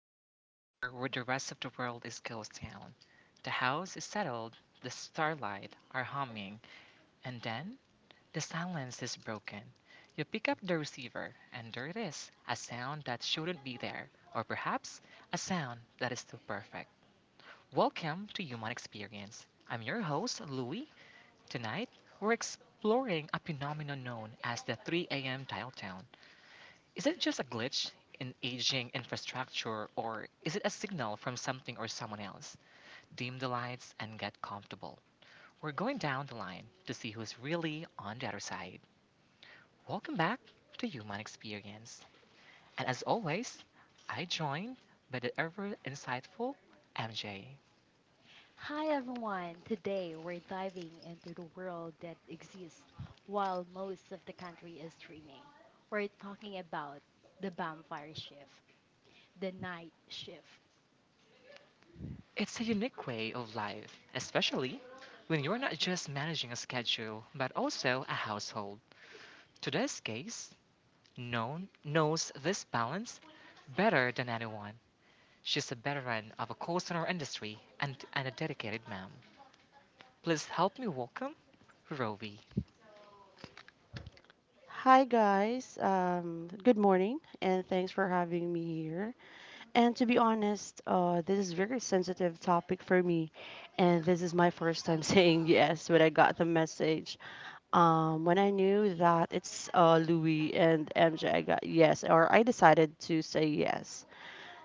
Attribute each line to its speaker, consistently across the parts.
Speaker 1: It's that hour where the rest of the world is ghost town. The house is settled, the starlight are humming, and then the silence is broken. You pick up the receiver, and there it is a sound that shouldn't be there, or perhaps a sound that is too perfect. Welcome to Human Experience. I'm your host, Louie. Tonight, we're exploring a phenomenon known as the 3 a.m. dial tone. Is it just a glitch in aging infrastructure, or is it a signal from something or someone else? Dim the lights and get comfortable. We're going down the line to see who's really on the other side. Welcome back to Human Experience. And as always, I joined by the ever insightful MJ.
Speaker 2: Hi everyone! Today we're diving into the world that exists while most of the country is streaming. We're talking about the vampire shift, the night shift.
Speaker 1: It's a unique way of life, especially when you're not just managing a schedule but also a household. Today's case, no one knows this balance better than anyone. She's a veteran of a course in her industry and a dedicated ma'am. Please help me welcome Rovi.
Speaker 3: Hi guys, good morning, and thanks for having me here. And to be honest, this is very sensitive topic for me, and this is my first time saying yes when I got the message. When I knew that it's Louis and MJ, I got yes, or I decided to say yes.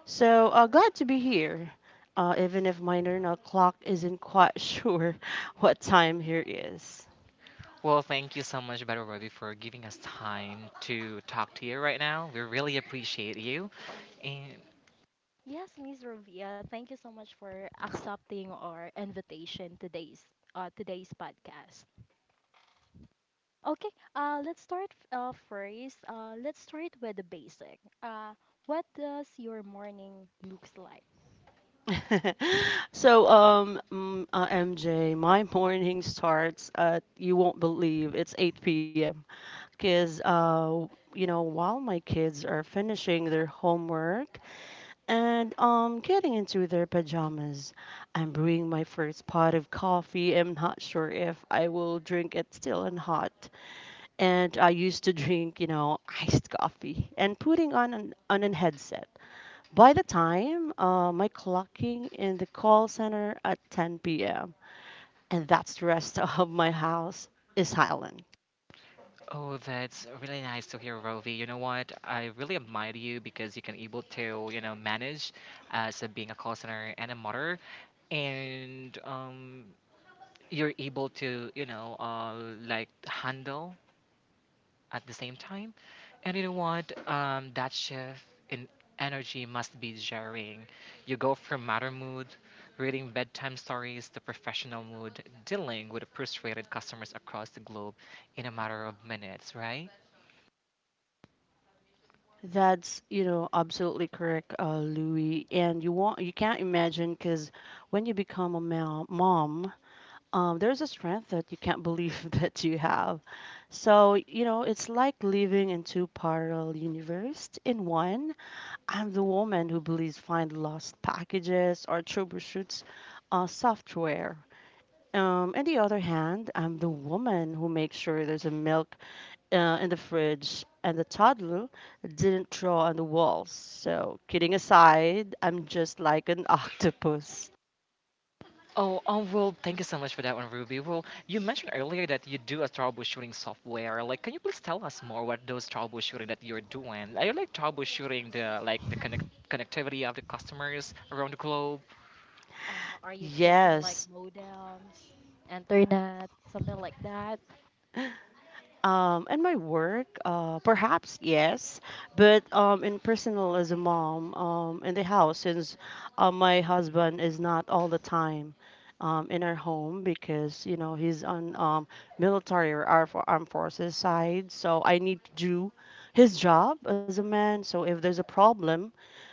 Speaker 3: So glad to be here, even if my internal clock isn't quite sure what time here is.
Speaker 1: Well, thank you so much, Better Rovi, for giving us time to talk to you right now. We really appreciate you. And
Speaker 2: Yes, Miss Rovia, thank you so much for accepting our invitation today's podcast. Okay, let's start first. Let's start with the basic. What does your morning looks like?
Speaker 3: so um mm, MJ, my morning starts at you won't believe it's 8 p.m. because you know while my kids are finishing their homework and getting into their pajamas, I'm brewing my first pot of coffee. I'm not sure if I will drink it still and hot. And I used to drink you know iced coffee and putting on an headset. By the time my clocking in the call center at 10 p.m., and that's the rest of my house is silent.
Speaker 1: oh, that's really nice to hear, Rovi. You know what? I really admire you because you can able to, manage being a call center and a mother. And you're able to like handle at the same time, and you know what, that shift in energy must be jarring. You go from matter mood reading bedtime stories to professional mood dealing with frustrated customers across the globe in a matter of minutes, right?
Speaker 3: That's you know absolutely correct, Louis. And you want you can't imagine because when you become a mom, there's a strength that you can't believe that you have. So you know it's like living in two parallel universes. In one, I'm the woman who believes find lost packages or troubleshoots software. On the other hand, I'm the woman who makes sure there's a milk in the fridge and the toddler didn't draw on the walls. So, kidding aside, I'm just like an octopus.
Speaker 1: Oh, well, thank you so much for that one, Ruby. Well, you mentioned earlier that you do a troubleshooting software. Like, can you please tell us more what those troubleshooting that you're doing? Are you like troubleshooting the connectivity of the customers around the globe?
Speaker 2: Are you fixing like
Speaker 3: Yes.
Speaker 2: modems, internet, something like that?
Speaker 3: And my work, perhaps yes, but in personal as a mom, in the house, since my husband is not all the time in our home because you know he's on military or for armed forces side, so I need to do his job as a man. So if there's a problem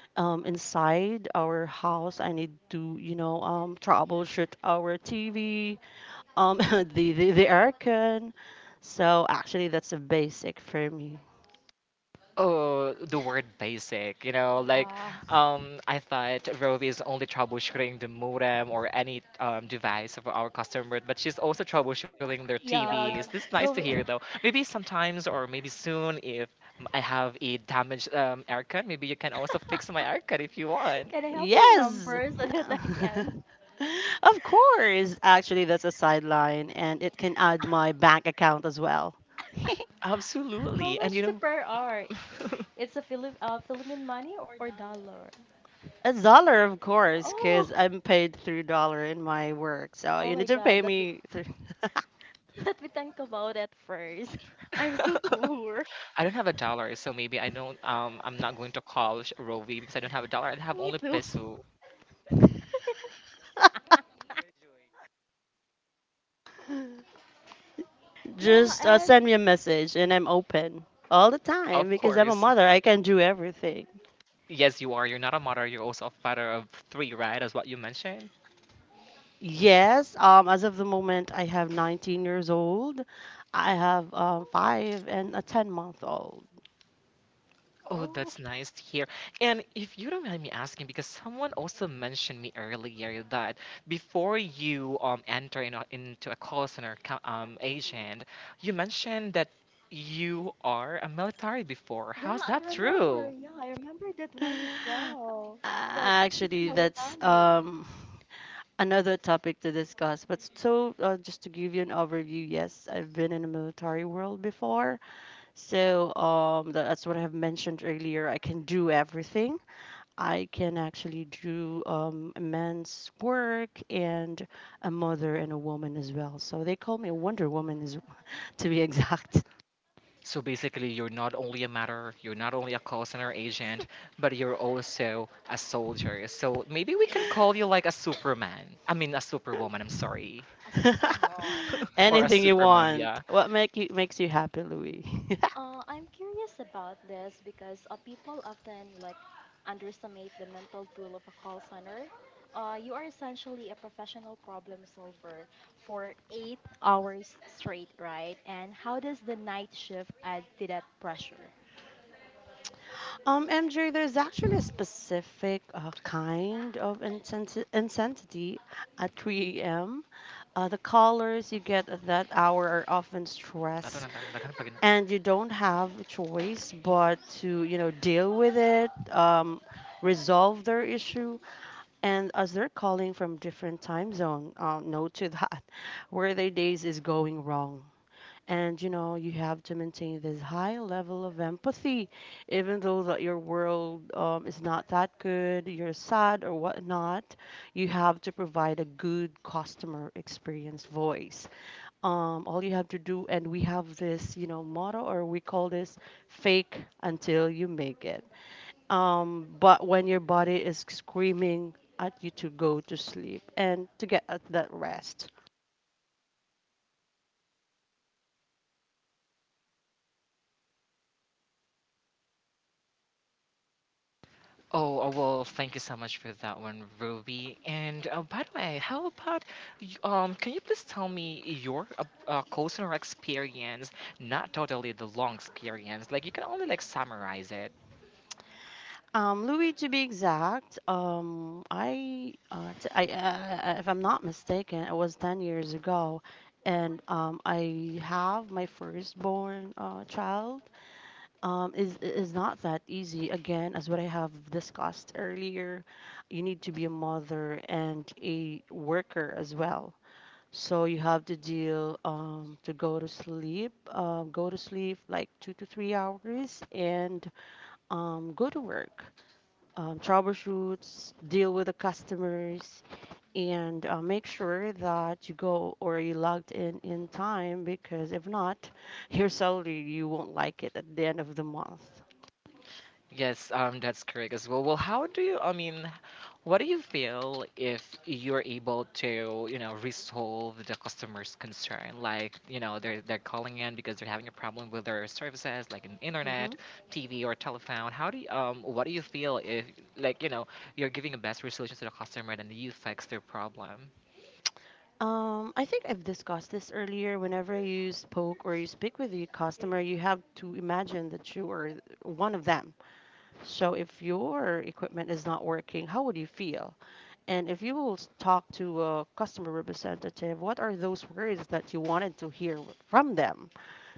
Speaker 3: inside our house, I need to you know troubleshoot our TV the aircon. So actually, that's a basic for me.
Speaker 1: Oh, the word basic,
Speaker 2: Uh,
Speaker 1: I thought Rovi is only troubleshooting the modem or any device of our customer, but she's also troubleshooting their, yeah,
Speaker 2: yeah,
Speaker 1: TVs. This is nice to
Speaker 2: go.
Speaker 1: hear,
Speaker 2: With-
Speaker 1: though. Maybe sometimes or maybe soon, if I have a damaged aircon, maybe you can also fix my aircon if you want.
Speaker 2: Can I have your
Speaker 3: Yes.
Speaker 2: number so that I can?
Speaker 3: Of course. Actually, that's a sideline, and it can add my bank account as well.
Speaker 2: How
Speaker 1: Absolutely, and
Speaker 2: much
Speaker 1: you
Speaker 2: the
Speaker 1: know.
Speaker 2: per hour? It's a Philippine money or dollar?
Speaker 3: A dollar, of course,
Speaker 2: Oh,
Speaker 3: because I'm paid through dollar in my work. So
Speaker 2: oh
Speaker 3: you
Speaker 2: my
Speaker 3: need to
Speaker 2: God.
Speaker 3: pay
Speaker 2: Let me
Speaker 3: me through.
Speaker 2: let me think about it first. I'm so poor.
Speaker 1: I don't have a dollar, so maybe I don't. I'm not going to call Rovi because I don't have a dollar. I have
Speaker 2: Me
Speaker 1: only
Speaker 2: too.
Speaker 1: peso,
Speaker 2: Yeah,
Speaker 3: Just
Speaker 2: and
Speaker 3: send me a message, and I'm open all the time
Speaker 1: of
Speaker 3: because I'm a
Speaker 1: course.
Speaker 3: mother. I can do everything.
Speaker 1: Yes, you are. You're not a mother. You're also a father of three, right? As what you mentioned.
Speaker 3: Yes, as of the moment, I have 19 years old. I have five and a 10-month-old.
Speaker 1: Oh,
Speaker 2: oh,
Speaker 1: that's nice to hear. And if you don't mind me asking, because someone also mentioned me earlier that before you enter into a call center agent, you mentioned that you are a military before.
Speaker 2: yeah,
Speaker 1: How's
Speaker 2: I
Speaker 1: that true?
Speaker 2: remember. Yeah, I remember that one as well. That she's a
Speaker 3: Actually, that's
Speaker 2: military,
Speaker 3: um, another topic to discuss. But so, just to give you an overview, yes, I've been in the military world before. So, that's what I have mentioned earlier. I can do everything. I can actually do immense work and a mother and a woman as well. So they call me a Wonder Woman, is, to be exact.
Speaker 1: So basically, you're not only a matter, you're not only a call center agent, but you're also a soldier. So maybe we can call you like a Superman. I mean, a Superwoman, I'm sorry.
Speaker 2: a super mom.
Speaker 1: or a
Speaker 3: Anything you
Speaker 1: Superman,
Speaker 3: want.
Speaker 1: yeah.
Speaker 3: What makes you happy, Louis?
Speaker 2: I'm curious about this because people often like underestimate the mental tool of a call center. You are essentially a professional problem solver for 8 hours straight, right? And how does the night shift add to that pressure?
Speaker 3: MJ, there's actually a specific kind of intensity at 3 a.m. The callers you get at that hour are often
Speaker 1: I don't
Speaker 3: stressed,
Speaker 1: know. Naghanap pa gina-
Speaker 3: and you don't have a choice but to you know deal with it, resolve their issue, and as they're calling from different time zone, note to that where their days is going wrong, and you know you have to maintain this high level of empathy even though that your world is not that good, you're sad or whatnot. You have to provide a good customer experience voice, all you have to do, and we have this you know motto or we call this fake until you make it. But when your body is screaming at you to go to sleep and to get at that rest.
Speaker 1: Oh, oh, well, thank you so much for that one, Ruby. And by the way, how about, can you please tell me your call center experience? Not totally the long experience. Like, you can only like summarize it.
Speaker 3: Louis, to be exact, if I'm not mistaken, it was 10 years ago, and I have my firstborn child. Is not that easy. Again, as what I have discussed earlier, you need to be a mother and a worker as well. So you have to deal to go to sleep like 2 to 3 hours, and go to work. Troubleshoots, deal with the customers, and make sure that you go or you logged in time because if not, your salary you won't like it at the end of the month.
Speaker 1: Yes, that's correct as well. Well, how do you, I mean, what do you feel if you're able to, resolve the customer's concern? Like, you know, they're calling in because they're having a problem with their services, like an
Speaker 3: Hmm.
Speaker 1: internet, TV, or telephone. What do you feel if, like, you're giving a best resolution to the customer and you fix their problem?
Speaker 3: I think I've discussed this earlier. Whenever you spoke or you speak with your customer, you have to imagine that you are one of them. So if your equipment is not working, how would you feel? And if you will talk to a customer representative, what are those words that you wanted to hear from them?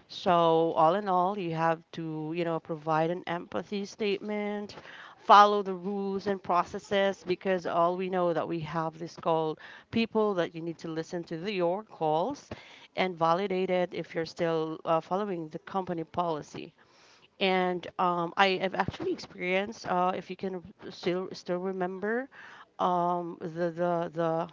Speaker 3: So, all in all, you have to, you know, provide an empathy statement, follow the rules and processes because all we know that we have this called people that you need to listen to the, your calls and validate it if you're still following the company policy. And I have actually experienced, if you can still remember, the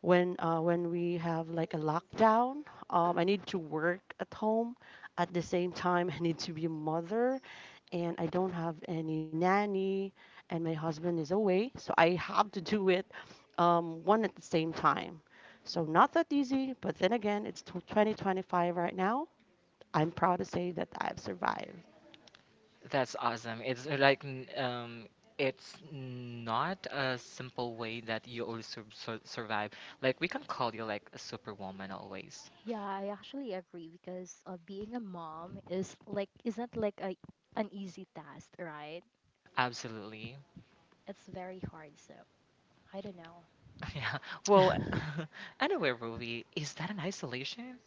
Speaker 3: when we have like a lockdown, I need to work at home, at the same time I need to be a mother, and I don't have any nanny, and my husband is away, so I have to do it, one at the same time. So not that easy, but then again it's 2025 right now. I'm proud to say that I've survived.
Speaker 1: That's awesome. It's like it's not a simple way that you always survive. Like we can call you like a superwoman always.
Speaker 2: Yeah, I actually agree because being a mom is like isn't like a an easy task, right?
Speaker 1: Absolutely.
Speaker 2: It's very hard, so I don't know.
Speaker 1: Yeah. Well, anyway, Ruby, is that an isolation?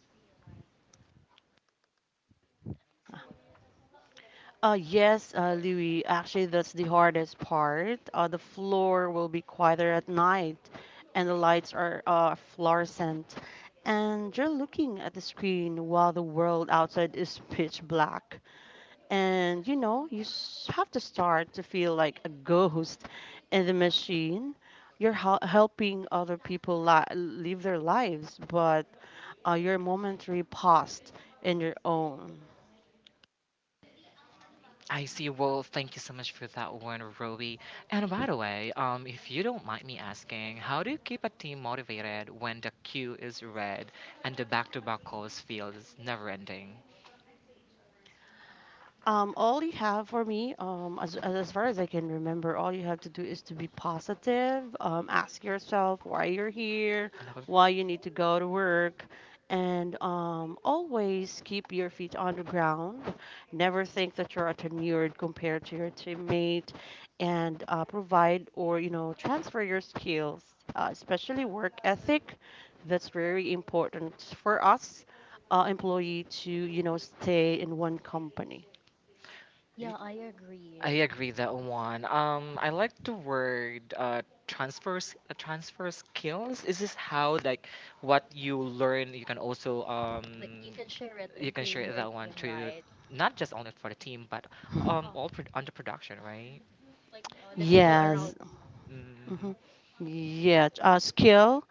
Speaker 3: Yes, Louis, actually, that's the hardest part. The floor will be quieter at night, and the lights are fluorescent. And you're looking at the screen while the world outside is pitch black. And you know, you have to start to feel like a ghost in the machine. You're helping other people live their lives, but your momentary past in your own.
Speaker 1: I see. Well, thank you so much for that one, Ruby. And by the way, if you don't mind me asking, how do you keep a team motivated when the queue is red and the back-to-back calls feels never ending?
Speaker 3: All you have for me, as far as I can remember, all you have to do is to be positive. Ask yourself why you're here, why you need to go to work, and always keep your feet on the ground. Never think that you're a tenured compared to your teammate, and provide or you know transfer your skills, especially work ethic. That's very important for us employee to you know stay in one company.
Speaker 2: Yeah,
Speaker 1: Y-
Speaker 2: I
Speaker 1: I
Speaker 2: agree.
Speaker 1: agree that one. I like the word transfer skills. Is this how like what you learn you can also
Speaker 2: Like you can share it
Speaker 1: you can
Speaker 2: into
Speaker 1: share
Speaker 2: your
Speaker 1: that one
Speaker 2: team,
Speaker 1: to
Speaker 2: right?
Speaker 1: not just only for the team but
Speaker 2: Uh,
Speaker 1: all on the production, right?
Speaker 2: the people around.
Speaker 3: Yes. Mhm.
Speaker 1: hmm
Speaker 3: Yeah, skill.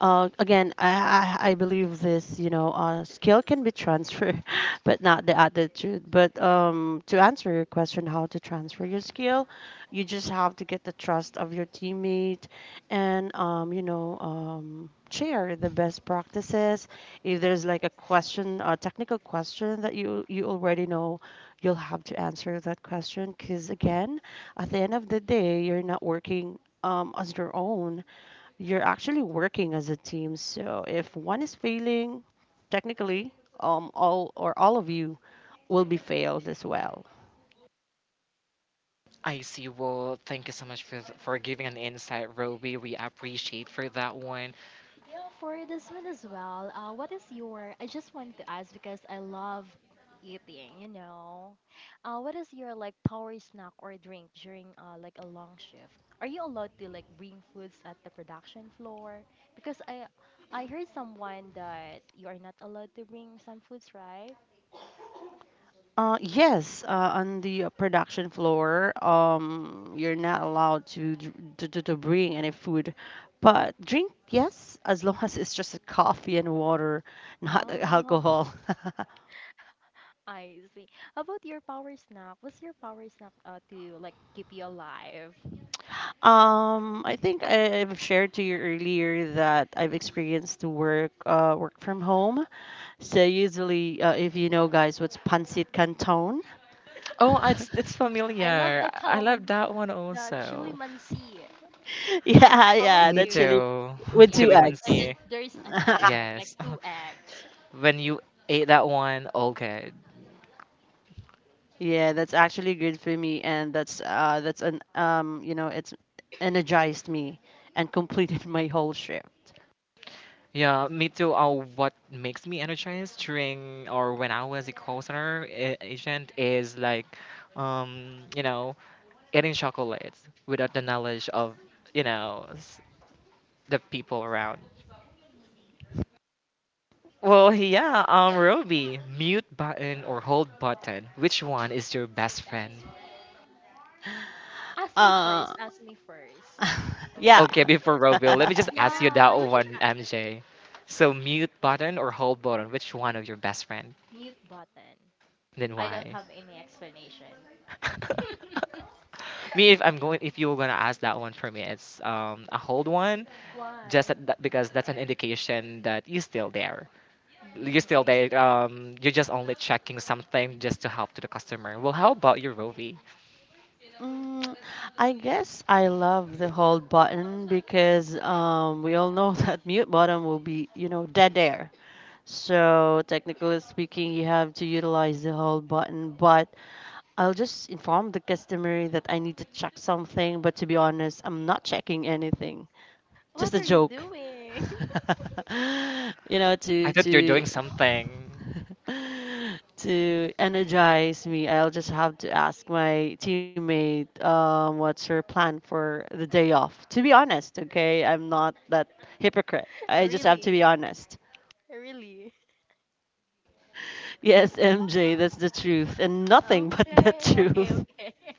Speaker 3: Again, I believe this. You know, skill can be transferred, but not the attitude. But to answer your question, how to transfer your skill, you just have to get the trust of your teammate, and you know, share the best practices. If there's like a question, a technical question that you already know, you'll have to answer that question. Because again, at the end of the day, you're not working on your own, you're actually working as a team. So if one is failing, technically, all or all of you will be failed as well.
Speaker 1: I see. Well, thank you so much for for giving an insight, Roby. We appreciate for that one.
Speaker 2: For this one as well, what is your? I just want to ask because I love eating. You know, what is your like power snack or drink during like a long shift? Are you allowed to like bring foods at the production floor? Because I heard someone that you are not allowed to bring some foods, right?
Speaker 3: Yes, on the production floor, you're not allowed to, bring any food, but drink, yes, as long as it's just a coffee and water, not
Speaker 2: Oh,
Speaker 3: alcohol.
Speaker 2: I see. How about your power snack? What's your power snack to like keep you alive?
Speaker 3: I think I've shared to you earlier that I've experienced to work work from home. So usually, if you know, guys, what's pancit canton?
Speaker 1: Oh, it's
Speaker 2: I love
Speaker 1: familiar.
Speaker 2: the
Speaker 1: I love
Speaker 2: calamari,
Speaker 1: that one
Speaker 2: the chili
Speaker 1: also.
Speaker 2: mansi.
Speaker 3: Yeah,
Speaker 2: How about
Speaker 3: yeah,
Speaker 1: Me
Speaker 3: that
Speaker 2: you?
Speaker 3: chili
Speaker 1: too.
Speaker 3: with
Speaker 2: Yeah.
Speaker 3: two
Speaker 1: Chili
Speaker 2: And
Speaker 3: eggs.
Speaker 2: then
Speaker 1: mansi.
Speaker 2: there's an egg, like
Speaker 1: Yes.
Speaker 2: two eggs.
Speaker 1: When you ate that one, all good.
Speaker 3: Yeah, that's actually good for me, and that's an you know, it's energized me and completed my whole shift.
Speaker 1: Yeah, me too. What makes me energized during or when I was a call center agent is like, um, you know, eating chocolates without the knowledge of, you know, s- the people around. Well, yeah, Roby, mute button or hold button, which one is your best friend?
Speaker 2: Ask me
Speaker 3: Uh,
Speaker 2: first. Ask me first.
Speaker 1: Okay,
Speaker 3: yeah.
Speaker 1: before Roby, let me just ask you that
Speaker 2: Yeah,
Speaker 1: one, MJ. So, mute button or hold button, which one of your best friend?
Speaker 2: mute button.
Speaker 1: Then
Speaker 2: I don't
Speaker 1: why?
Speaker 2: have any explanation.
Speaker 1: me, if I'm going, if you were gonna ask that one for me, it's a hold one, just
Speaker 2: Why?
Speaker 1: that, because that's an indication that you're still there.
Speaker 2: Mm,
Speaker 1: You're still
Speaker 2: I s-
Speaker 1: there. You're just only checking something just to help to the customer. Well, how about your Roby?
Speaker 3: Mm, I guess I love the hold button because we all know that mute button will be, you know, dead air. So technically speaking, you have to utilize the hold button. But I'll just inform the customer that I need to check something. But to be honest, I'm not checking anything. Just
Speaker 2: what
Speaker 3: a
Speaker 2: are you
Speaker 3: joke.
Speaker 2: doing?
Speaker 3: You know,
Speaker 1: I
Speaker 3: to
Speaker 1: thought you're doing
Speaker 3: to
Speaker 1: something.
Speaker 3: to energize me, I'll just have to ask my teammate, what's her plan for the day off? To be honest, okay, I'm not that hypocrite. I just have to
Speaker 2: Really?
Speaker 3: be honest.
Speaker 2: Really?
Speaker 3: Yes, MJ, that's the truth, and nothing but the
Speaker 2: Okay, okay,
Speaker 3: truth.
Speaker 2: okay.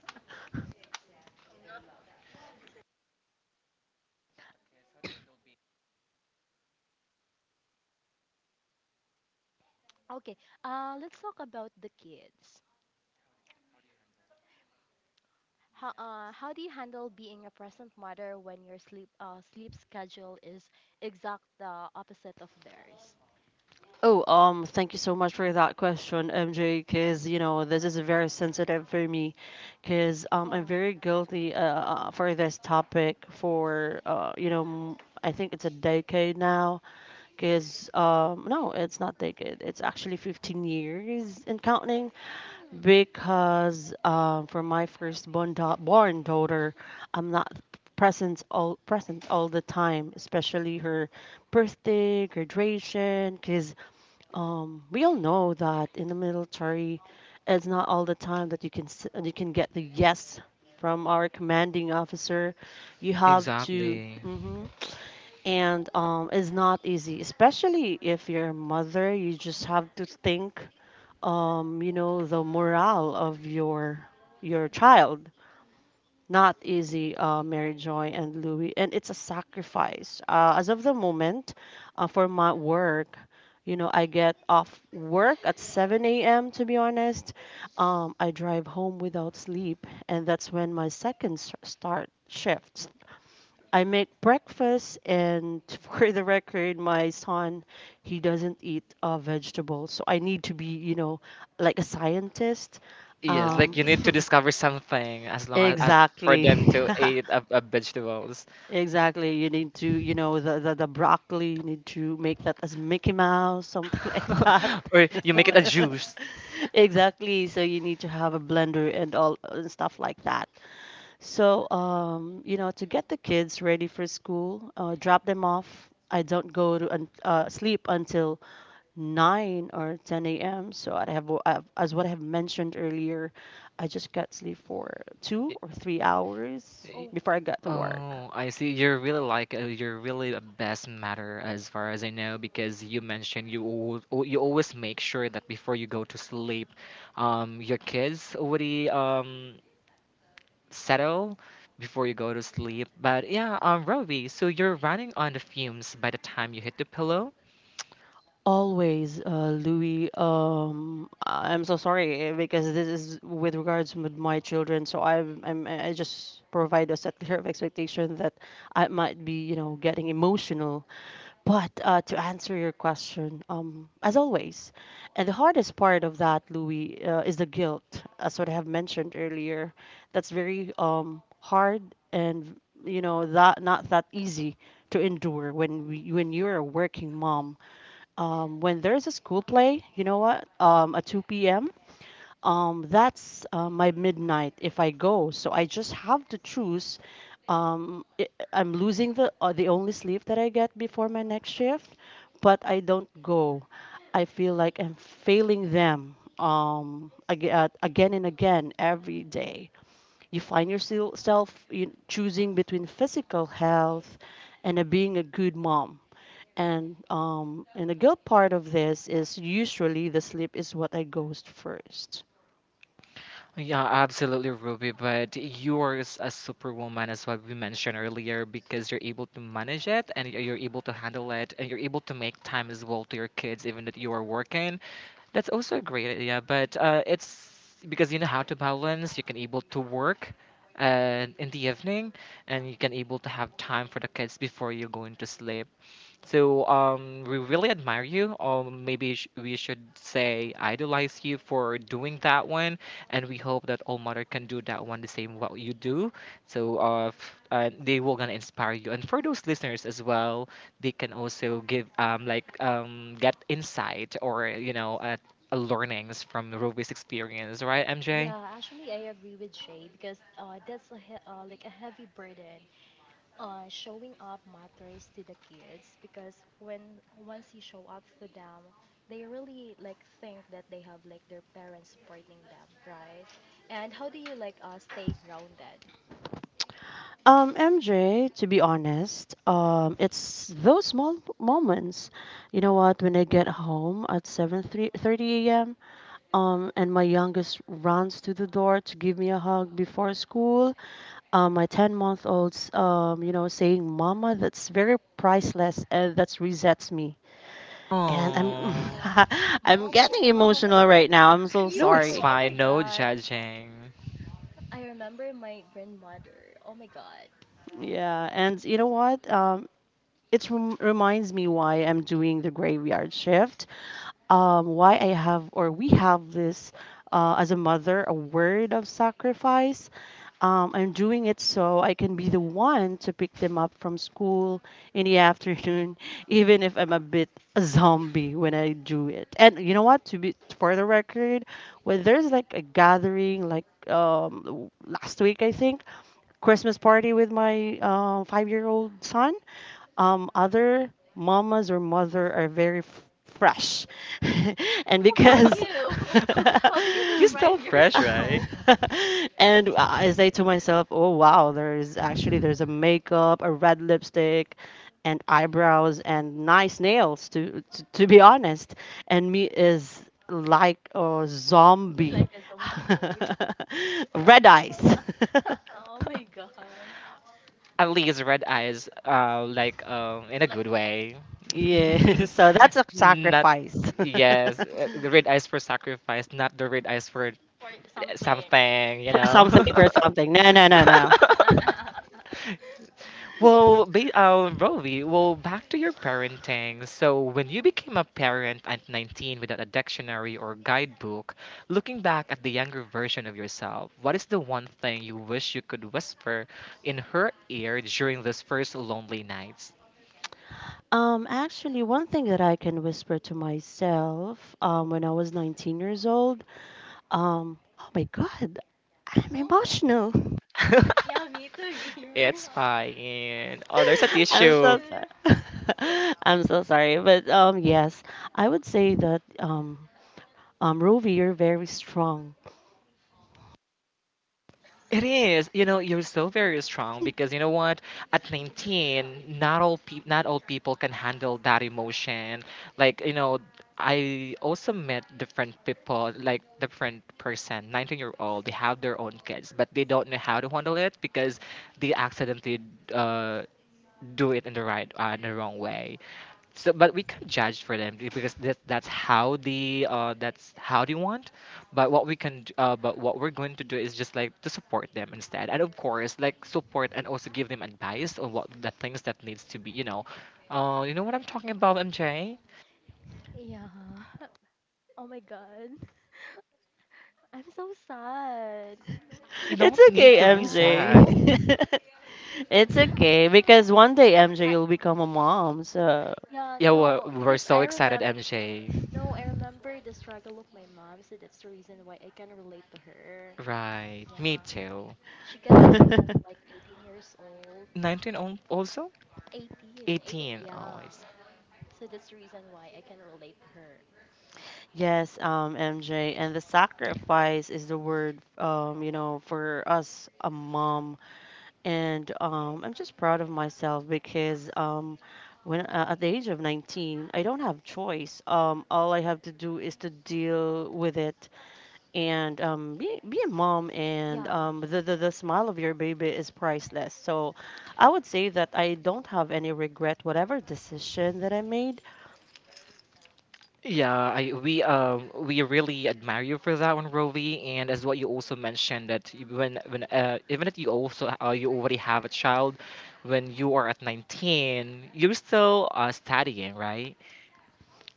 Speaker 2: Okay, let's talk about the kids. How do you handle being a present mother when your sleep schedule is exact the opposite of theirs?
Speaker 3: Oh, thank you so much for that question, MJ, because, you know, this is very sensitive for me because I'm
Speaker 2: Yeah.
Speaker 3: very guilty for this topic for, you know, I think it's a decade now because, no, it's not decade. It's actually 15 years and counting
Speaker 2: Mm.
Speaker 3: because for my firstborn born daughter, I'm not present all the time, especially her birthday, graduation, because we all know that in the military, it's not all the time that you can you can get the yes from our commanding officer. You have to.
Speaker 1: Exactly.
Speaker 3: Mhm. And it's not easy, especially if you're a mother. You just have to think, the morale of your child. Not easy, Mary Joy and Louis, and it's a sacrifice. As of the moment, for my work, you know, I get off work at 7 a.m. To be honest, I drive home without sleep, and that's when my second start shift. I make breakfast, and for the record, my son, he doesn't eat vegetables. So I need to be, you know, like a scientist.
Speaker 1: Yes,
Speaker 2: Yeah,
Speaker 1: like
Speaker 3: Um,
Speaker 1: you
Speaker 2: me
Speaker 1: need
Speaker 2: too.
Speaker 1: to discover something as for
Speaker 3: exactly.
Speaker 1: them to eat a vegetables.
Speaker 3: Exactly. You need to, you know, the broccoli, you need to make that as Mickey Mouse, something like that.
Speaker 1: or you
Speaker 2: So,
Speaker 1: make it a
Speaker 2: y-
Speaker 1: juice.
Speaker 3: Exactly. So you need to have a blender and all and stuff like that. So, you know, to get the kids ready for school, drop them off. I don't go to sleep until 9 or 10 a.m. So I've, as what I have mentioned earlier, I just got sleep for two
Speaker 1: Y-
Speaker 3: or three hours
Speaker 1: y-
Speaker 2: oh,
Speaker 3: before I got to work.
Speaker 1: Oh, I see. You're really like you're really a best matter as far as I know because you mentioned you you always make sure that before you go to sleep, your kids already settle before you go to sleep. But yeah, Roby, so you're running on the fumes by the time you hit the pillow.
Speaker 3: Always, Louis. I'm so sorry eh, because this is with regards with my children. So I just provide a set clear of expectation that I might be, you know, getting emotional. But to answer your question, as always, and the hardest part of that, Louis, is the guilt, as what I have mentioned earlier. That's very hard and you know that not that easy to endure when you're a working mom, when there's a school play, you know what? At 2 p.m., that's my midnight if I go. So I just have to choose. Um, i I'm losing the only sleep that I get before my next shift, but I don't go. I feel like I'm failing them again and again every day. You find yourself choosing between physical health and being a good mom. And the guilt part of this is usually the sleep is what I goes first.
Speaker 1: Yeah, absolutely, Ruby. But you're a superwoman, as what we mentioned earlier, because you're able to manage it, and you're able to handle it, and you're able to make time as well to your kids, even that you are working. That's also a great idea. But it's because you know how to balance. You can able to work in the evening, and you can able to have time for the kids before you're going to sleep. So we really admire you. Or maybe we should say idolize you for doing that one, and we hope that All Mother can do that one the same what you do. So they will gonna inspire you. And for those listeners as well, they can also give get insight or learnings from Ruby's experience, right, MJ?
Speaker 2: yeah, actually, I agree with Shay because that's a he like a heavy burden. Showing up matters to the kids because when once you show up for them, they really like think that they have like their parents supporting them, right? And how do you like stay grounded?
Speaker 3: MJ, to be honest, it's those small moments. You know what? When I get home at 7:30 a.m., and my youngest runs to the door to give me a hug before school, my 10-month-old's, you know, saying "Mama," that's very priceless, and that resets me. And
Speaker 2: Yeah,
Speaker 1: Oh.
Speaker 3: I'm,
Speaker 2: oh my god,
Speaker 3: I'm
Speaker 2: mama,
Speaker 3: getting
Speaker 2: oh my
Speaker 3: emotional right
Speaker 2: God,
Speaker 3: now. I'm so
Speaker 2: me
Speaker 1: No, it's
Speaker 2: too,
Speaker 3: sorry.
Speaker 2: oh
Speaker 1: fine.
Speaker 2: my
Speaker 1: No
Speaker 2: god.
Speaker 1: judging.
Speaker 2: I remember my grandmother. Oh my god.
Speaker 3: Yeah, and you know what? It reminds me why I'm doing the graveyard shift. Why I have or we have this as a mother, a word of sacrifice. I'm doing it so I can be the one to pick them up from school in the afternoon, even if I'm a bit a zombie when I do it. And you know what? To be For the record, when there's like a gathering, like last week I think, Christmas party with my five-year-old son, other mamas or mother are very fresh, and
Speaker 2: How about
Speaker 3: because
Speaker 2: you? How do you
Speaker 1: you
Speaker 2: describe
Speaker 1: still fresh, right?
Speaker 2: yourself?
Speaker 3: and I say to myself, oh wow, there's a makeup, a red lipstick, and eyebrows and nice nails to be honest, and me is like a zombie,
Speaker 2: Like a zombie mode.
Speaker 3: red
Speaker 2: Oh
Speaker 3: eyes.
Speaker 2: my, oh my god.
Speaker 1: At least red eyes, like in a good way.
Speaker 3: Yeah, so that's a
Speaker 1: not
Speaker 3: sacrifice.
Speaker 1: yes, the red eyes for sacrifice, not the red eyes for
Speaker 2: Or something.
Speaker 1: something, you
Speaker 3: For
Speaker 1: know.
Speaker 2: Yeah.
Speaker 3: something, for something. No.
Speaker 1: Well, Rovi, well, back to your parenting. So, when you became a parent at 19 without a dictionary or guidebook, looking back at the younger version of yourself, what is the one thing you wish you could whisper in her ear during those first lonely nights?
Speaker 3: Um, actually, one thing that I can whisper to myself, when I was 19 years old, um, oh my god, I'm emotional.
Speaker 2: yeah, me too here.
Speaker 1: it's fine. Oh,
Speaker 2: Oh
Speaker 1: there's
Speaker 2: my
Speaker 1: a
Speaker 2: god,
Speaker 3: I'm
Speaker 1: tissue.
Speaker 3: so
Speaker 2: tissue.
Speaker 3: sorry. I'm so sorry, but um, yes, I would say that Rovi, you're very strong.
Speaker 1: It is, you know, you're so very strong because you know what? At 19, not all people can handle that emotion. Like, you know, I also met different people, like different person, 19-year-old, they have their own kids, but they don't know how to handle it because they accidentally uh, do it in the right, in the wrong way. So, but we can't judge for them because that's how the that's how they want. But what we can, but what we're going to do is just like to support them instead, and of course, like support and also give them advice on what the things that needs to be. You know what I'm talking about, MJ.
Speaker 2: Yeah. Oh my god. I'm so sad.
Speaker 1: You
Speaker 3: It's
Speaker 1: don't need
Speaker 3: okay,
Speaker 1: to be
Speaker 3: MJ.
Speaker 1: sad.
Speaker 2: No.
Speaker 3: It's okay, because one day, MJ,
Speaker 2: I.
Speaker 3: you'll become a mom. So
Speaker 2: Yeah,
Speaker 1: Yeah, we're,
Speaker 2: no,
Speaker 1: we're
Speaker 2: because
Speaker 1: so
Speaker 2: I
Speaker 1: excited,
Speaker 2: remember
Speaker 1: MJ.
Speaker 2: no, I remember the struggle of my mom, so that's the reason why I can relate to her.
Speaker 1: Right, me
Speaker 2: Yeah.
Speaker 1: too.
Speaker 2: She got pregnant like 18 years old. 18, 18.
Speaker 1: 19 also. 18. Oh, I
Speaker 2: Yeah. So that's the reason why I can relate to her.
Speaker 3: yes, MJ, and the sacrifice is the word, you know, for us, a mom. And I'm just proud of myself because when at the age of 19, I don't have choice. All I have to do is to deal with it and be a mom. And
Speaker 2: Yeah,
Speaker 3: the smile of your baby is priceless. So I would say that I don't have any regret, whatever decision that I made.
Speaker 1: Yeah, I we really admire you for that one, Rovi, and as what you also mentioned that when even if you also you already have a child, when you are at 19, you're still studying, right?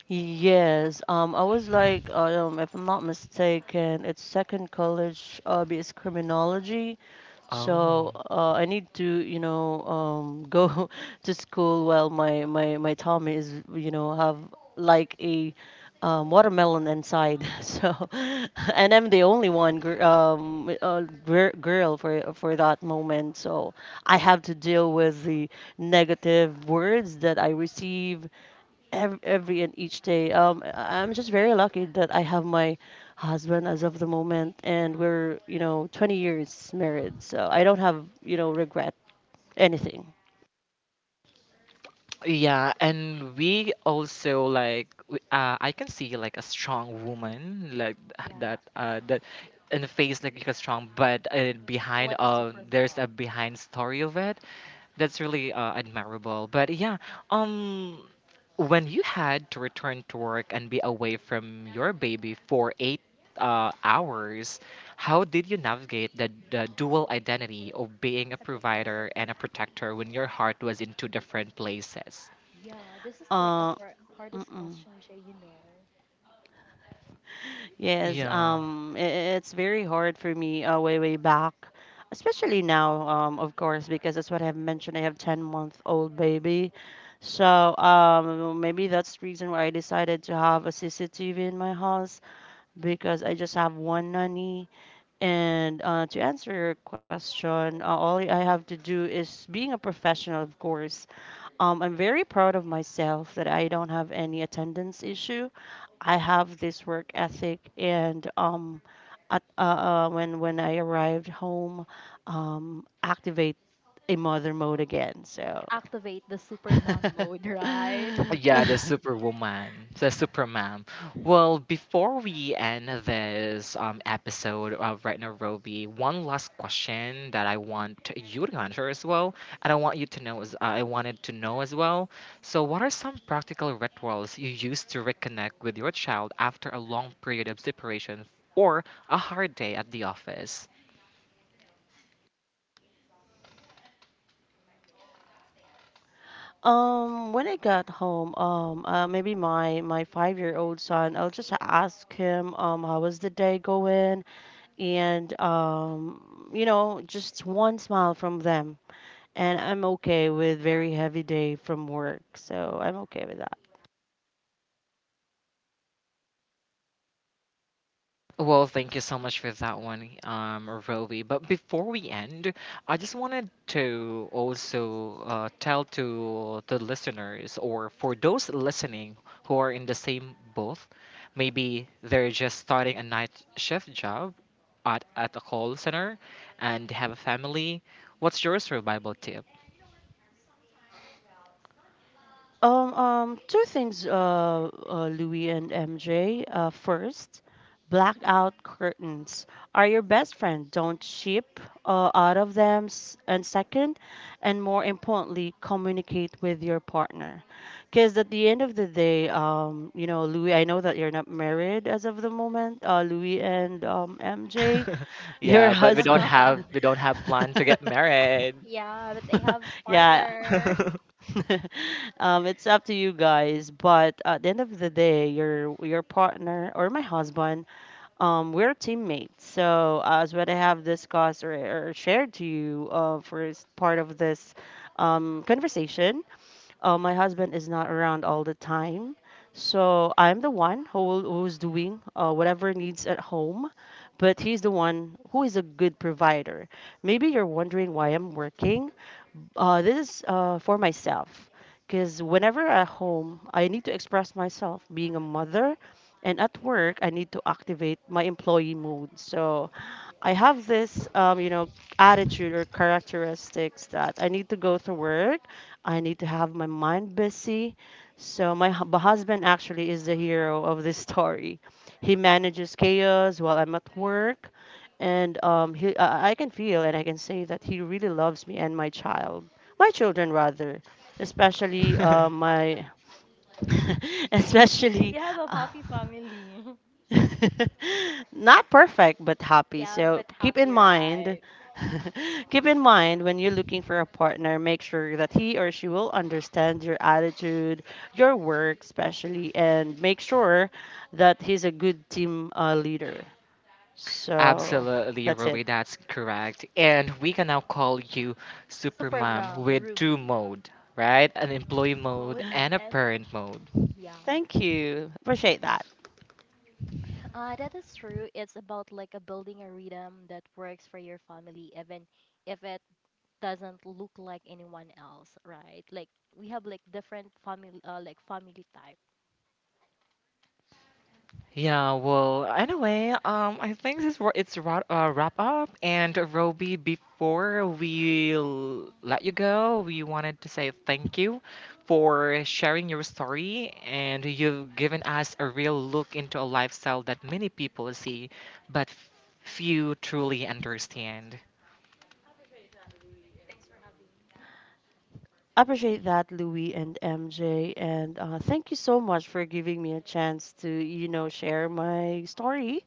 Speaker 3: Yes, I was like, if I'm not mistaken, it's second college, is criminology.
Speaker 1: Oh.
Speaker 3: So, I need to, you know, go to school while my tummy is, you know, have like a watermelon inside. So, and I'm the only one, girl for that moment. So, I have to deal with the negative words that I receive every and each day. I'm just very lucky that I have my husband as of the moment, and we're you know 20 years married, so I don't have you know regret anything.
Speaker 1: Yeah, and we also like I can see like a strong woman like that
Speaker 2: yeah.
Speaker 1: uh, that in the face like a strong, but behind
Speaker 2: Like a super
Speaker 1: there's a
Speaker 2: mom.
Speaker 1: behind story of it. That's really admirable. But yeah, um, when you had to return to work and be away from your baby for 8 hours, how did you navigate the dual identity of being a provider
Speaker 2: The
Speaker 1: and a protector when your heart was in two different places?
Speaker 2: Yeah, this is like a
Speaker 3: Uh,
Speaker 2: hard, hardest
Speaker 3: mm-mm.
Speaker 2: question, Jay, you know.
Speaker 3: Yes,
Speaker 1: Yeah.
Speaker 3: it's very hard for me way way back, especially now, of course, because that's what I've mentioned. I have 10-month-old baby, so maybe that's the reason why I decided to have a CCTV in my house because I just have one nanny. And to answer your question, all I have to do is being a professional, of course. I'm very proud of myself that I don't have any attendance issue. I have this work ethic, and when I arrived home, activate a mother mode again. So.
Speaker 2: Activate the super mom mode, right?
Speaker 1: Yeah, the superwoman, the superman. Well, before we end this episode of Right Now Roby, one last question that I want you to answer as well, and I want you to know as I wanted to know as well. So, what are some practical rituals you use to reconnect with your child after a long period of separation or a hard day at the office?
Speaker 3: When I got home, maybe my my five-year-old son, I'll just ask him, how was the day going? And you know, just one smile from them, and I'm okay with very heavy day from work, so I'm okay with that.
Speaker 1: Well, thank you so much for that one, Roby. But before we end, I just wanted to also tell to the listeners, or for those listening who are in the same boat, maybe they're just starting a night shift job at a call center and have a family. What's your survival tip?
Speaker 3: Two things, Louis and MJ. First, blackout curtains are your best friend. Don't cheap out of them. And second, and more importantly, communicate with your partner. Because at the end of the day, you know, Louis, I know that you're not married as of the moment, Louis and MJ. Your
Speaker 1: yeah, but we don't
Speaker 3: husband.
Speaker 2: Yeah.
Speaker 1: have we don't have plan to get married.
Speaker 2: Yeah, but I have
Speaker 3: Yeah,
Speaker 2: partner.
Speaker 3: it's up to you guys, but at the end of the day, your partner or my husband, we're teammates. So as what I have discussed or shared to you for part of this conversation, my husband is not around all the time. So I'm the one who's doing whatever needs at home, but he's the one who is a good provider. Maybe you're wondering why I'm working, this is for myself because whenever at home, I need to express myself being a mother, and at work, I need to activate my employee mode. So I have this, you know, attitude or characteristics that I need to go to work. I need to have my mind busy. So my husband actually is the hero of this story. He manages chaos while I'm at work, and I can feel and I can say that he really loves me and my children rather, especially especially.
Speaker 2: You have a
Speaker 3: uh,
Speaker 2: happy family.
Speaker 3: Not perfect, but happy.
Speaker 2: Yeah,
Speaker 3: So
Speaker 2: but
Speaker 3: keep in
Speaker 2: happy,
Speaker 3: mind,
Speaker 2: right?
Speaker 3: keep in mind, when you're looking for a partner, make sure that he or she will understand your attitude, your work, especially, and make sure that he's a good team leader. So
Speaker 1: Absolutely,
Speaker 3: that's it.
Speaker 1: Ruby, that's correct. And we can now call you
Speaker 2: Super
Speaker 1: Supermom
Speaker 2: mom,
Speaker 1: with two
Speaker 2: Ruby.
Speaker 1: mode, right? An employee mode
Speaker 2: Mode
Speaker 1: and a parent mode.
Speaker 2: yeah.
Speaker 3: Thank you. Appreciate that.
Speaker 2: That is true. It's about like a building a rhythm that works for your family, even if it doesn't look like anyone else, right? Like we have like different family, like family type.
Speaker 1: Yeah, well, anyway, I think this wa- it's wrap wrap up. And Roby, before we let you go, we wanted to say thank you for sharing your story, and you've given us a real look into a lifestyle that many people see, but few truly understand.
Speaker 3: Appreciate that, Louis and MJ. And thank you so much for giving me a chance to, you know, share my story.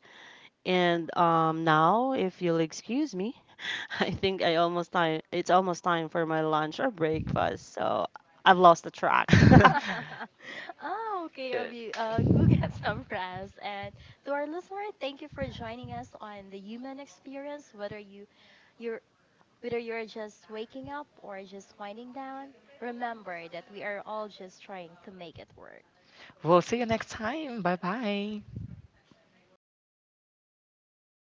Speaker 3: And now, if you'll excuse me, I think I almost time. It's almost time for my lunch or breakfast, so I've lost the track.
Speaker 2: Oh, okay, Ravi. Go get some rest. And to our listener, thank you for joining us on the human experience. You're whether you're just waking up or just winding down, remember that we are all just trying to make it work.
Speaker 1: we'll see you next time. Bye bye.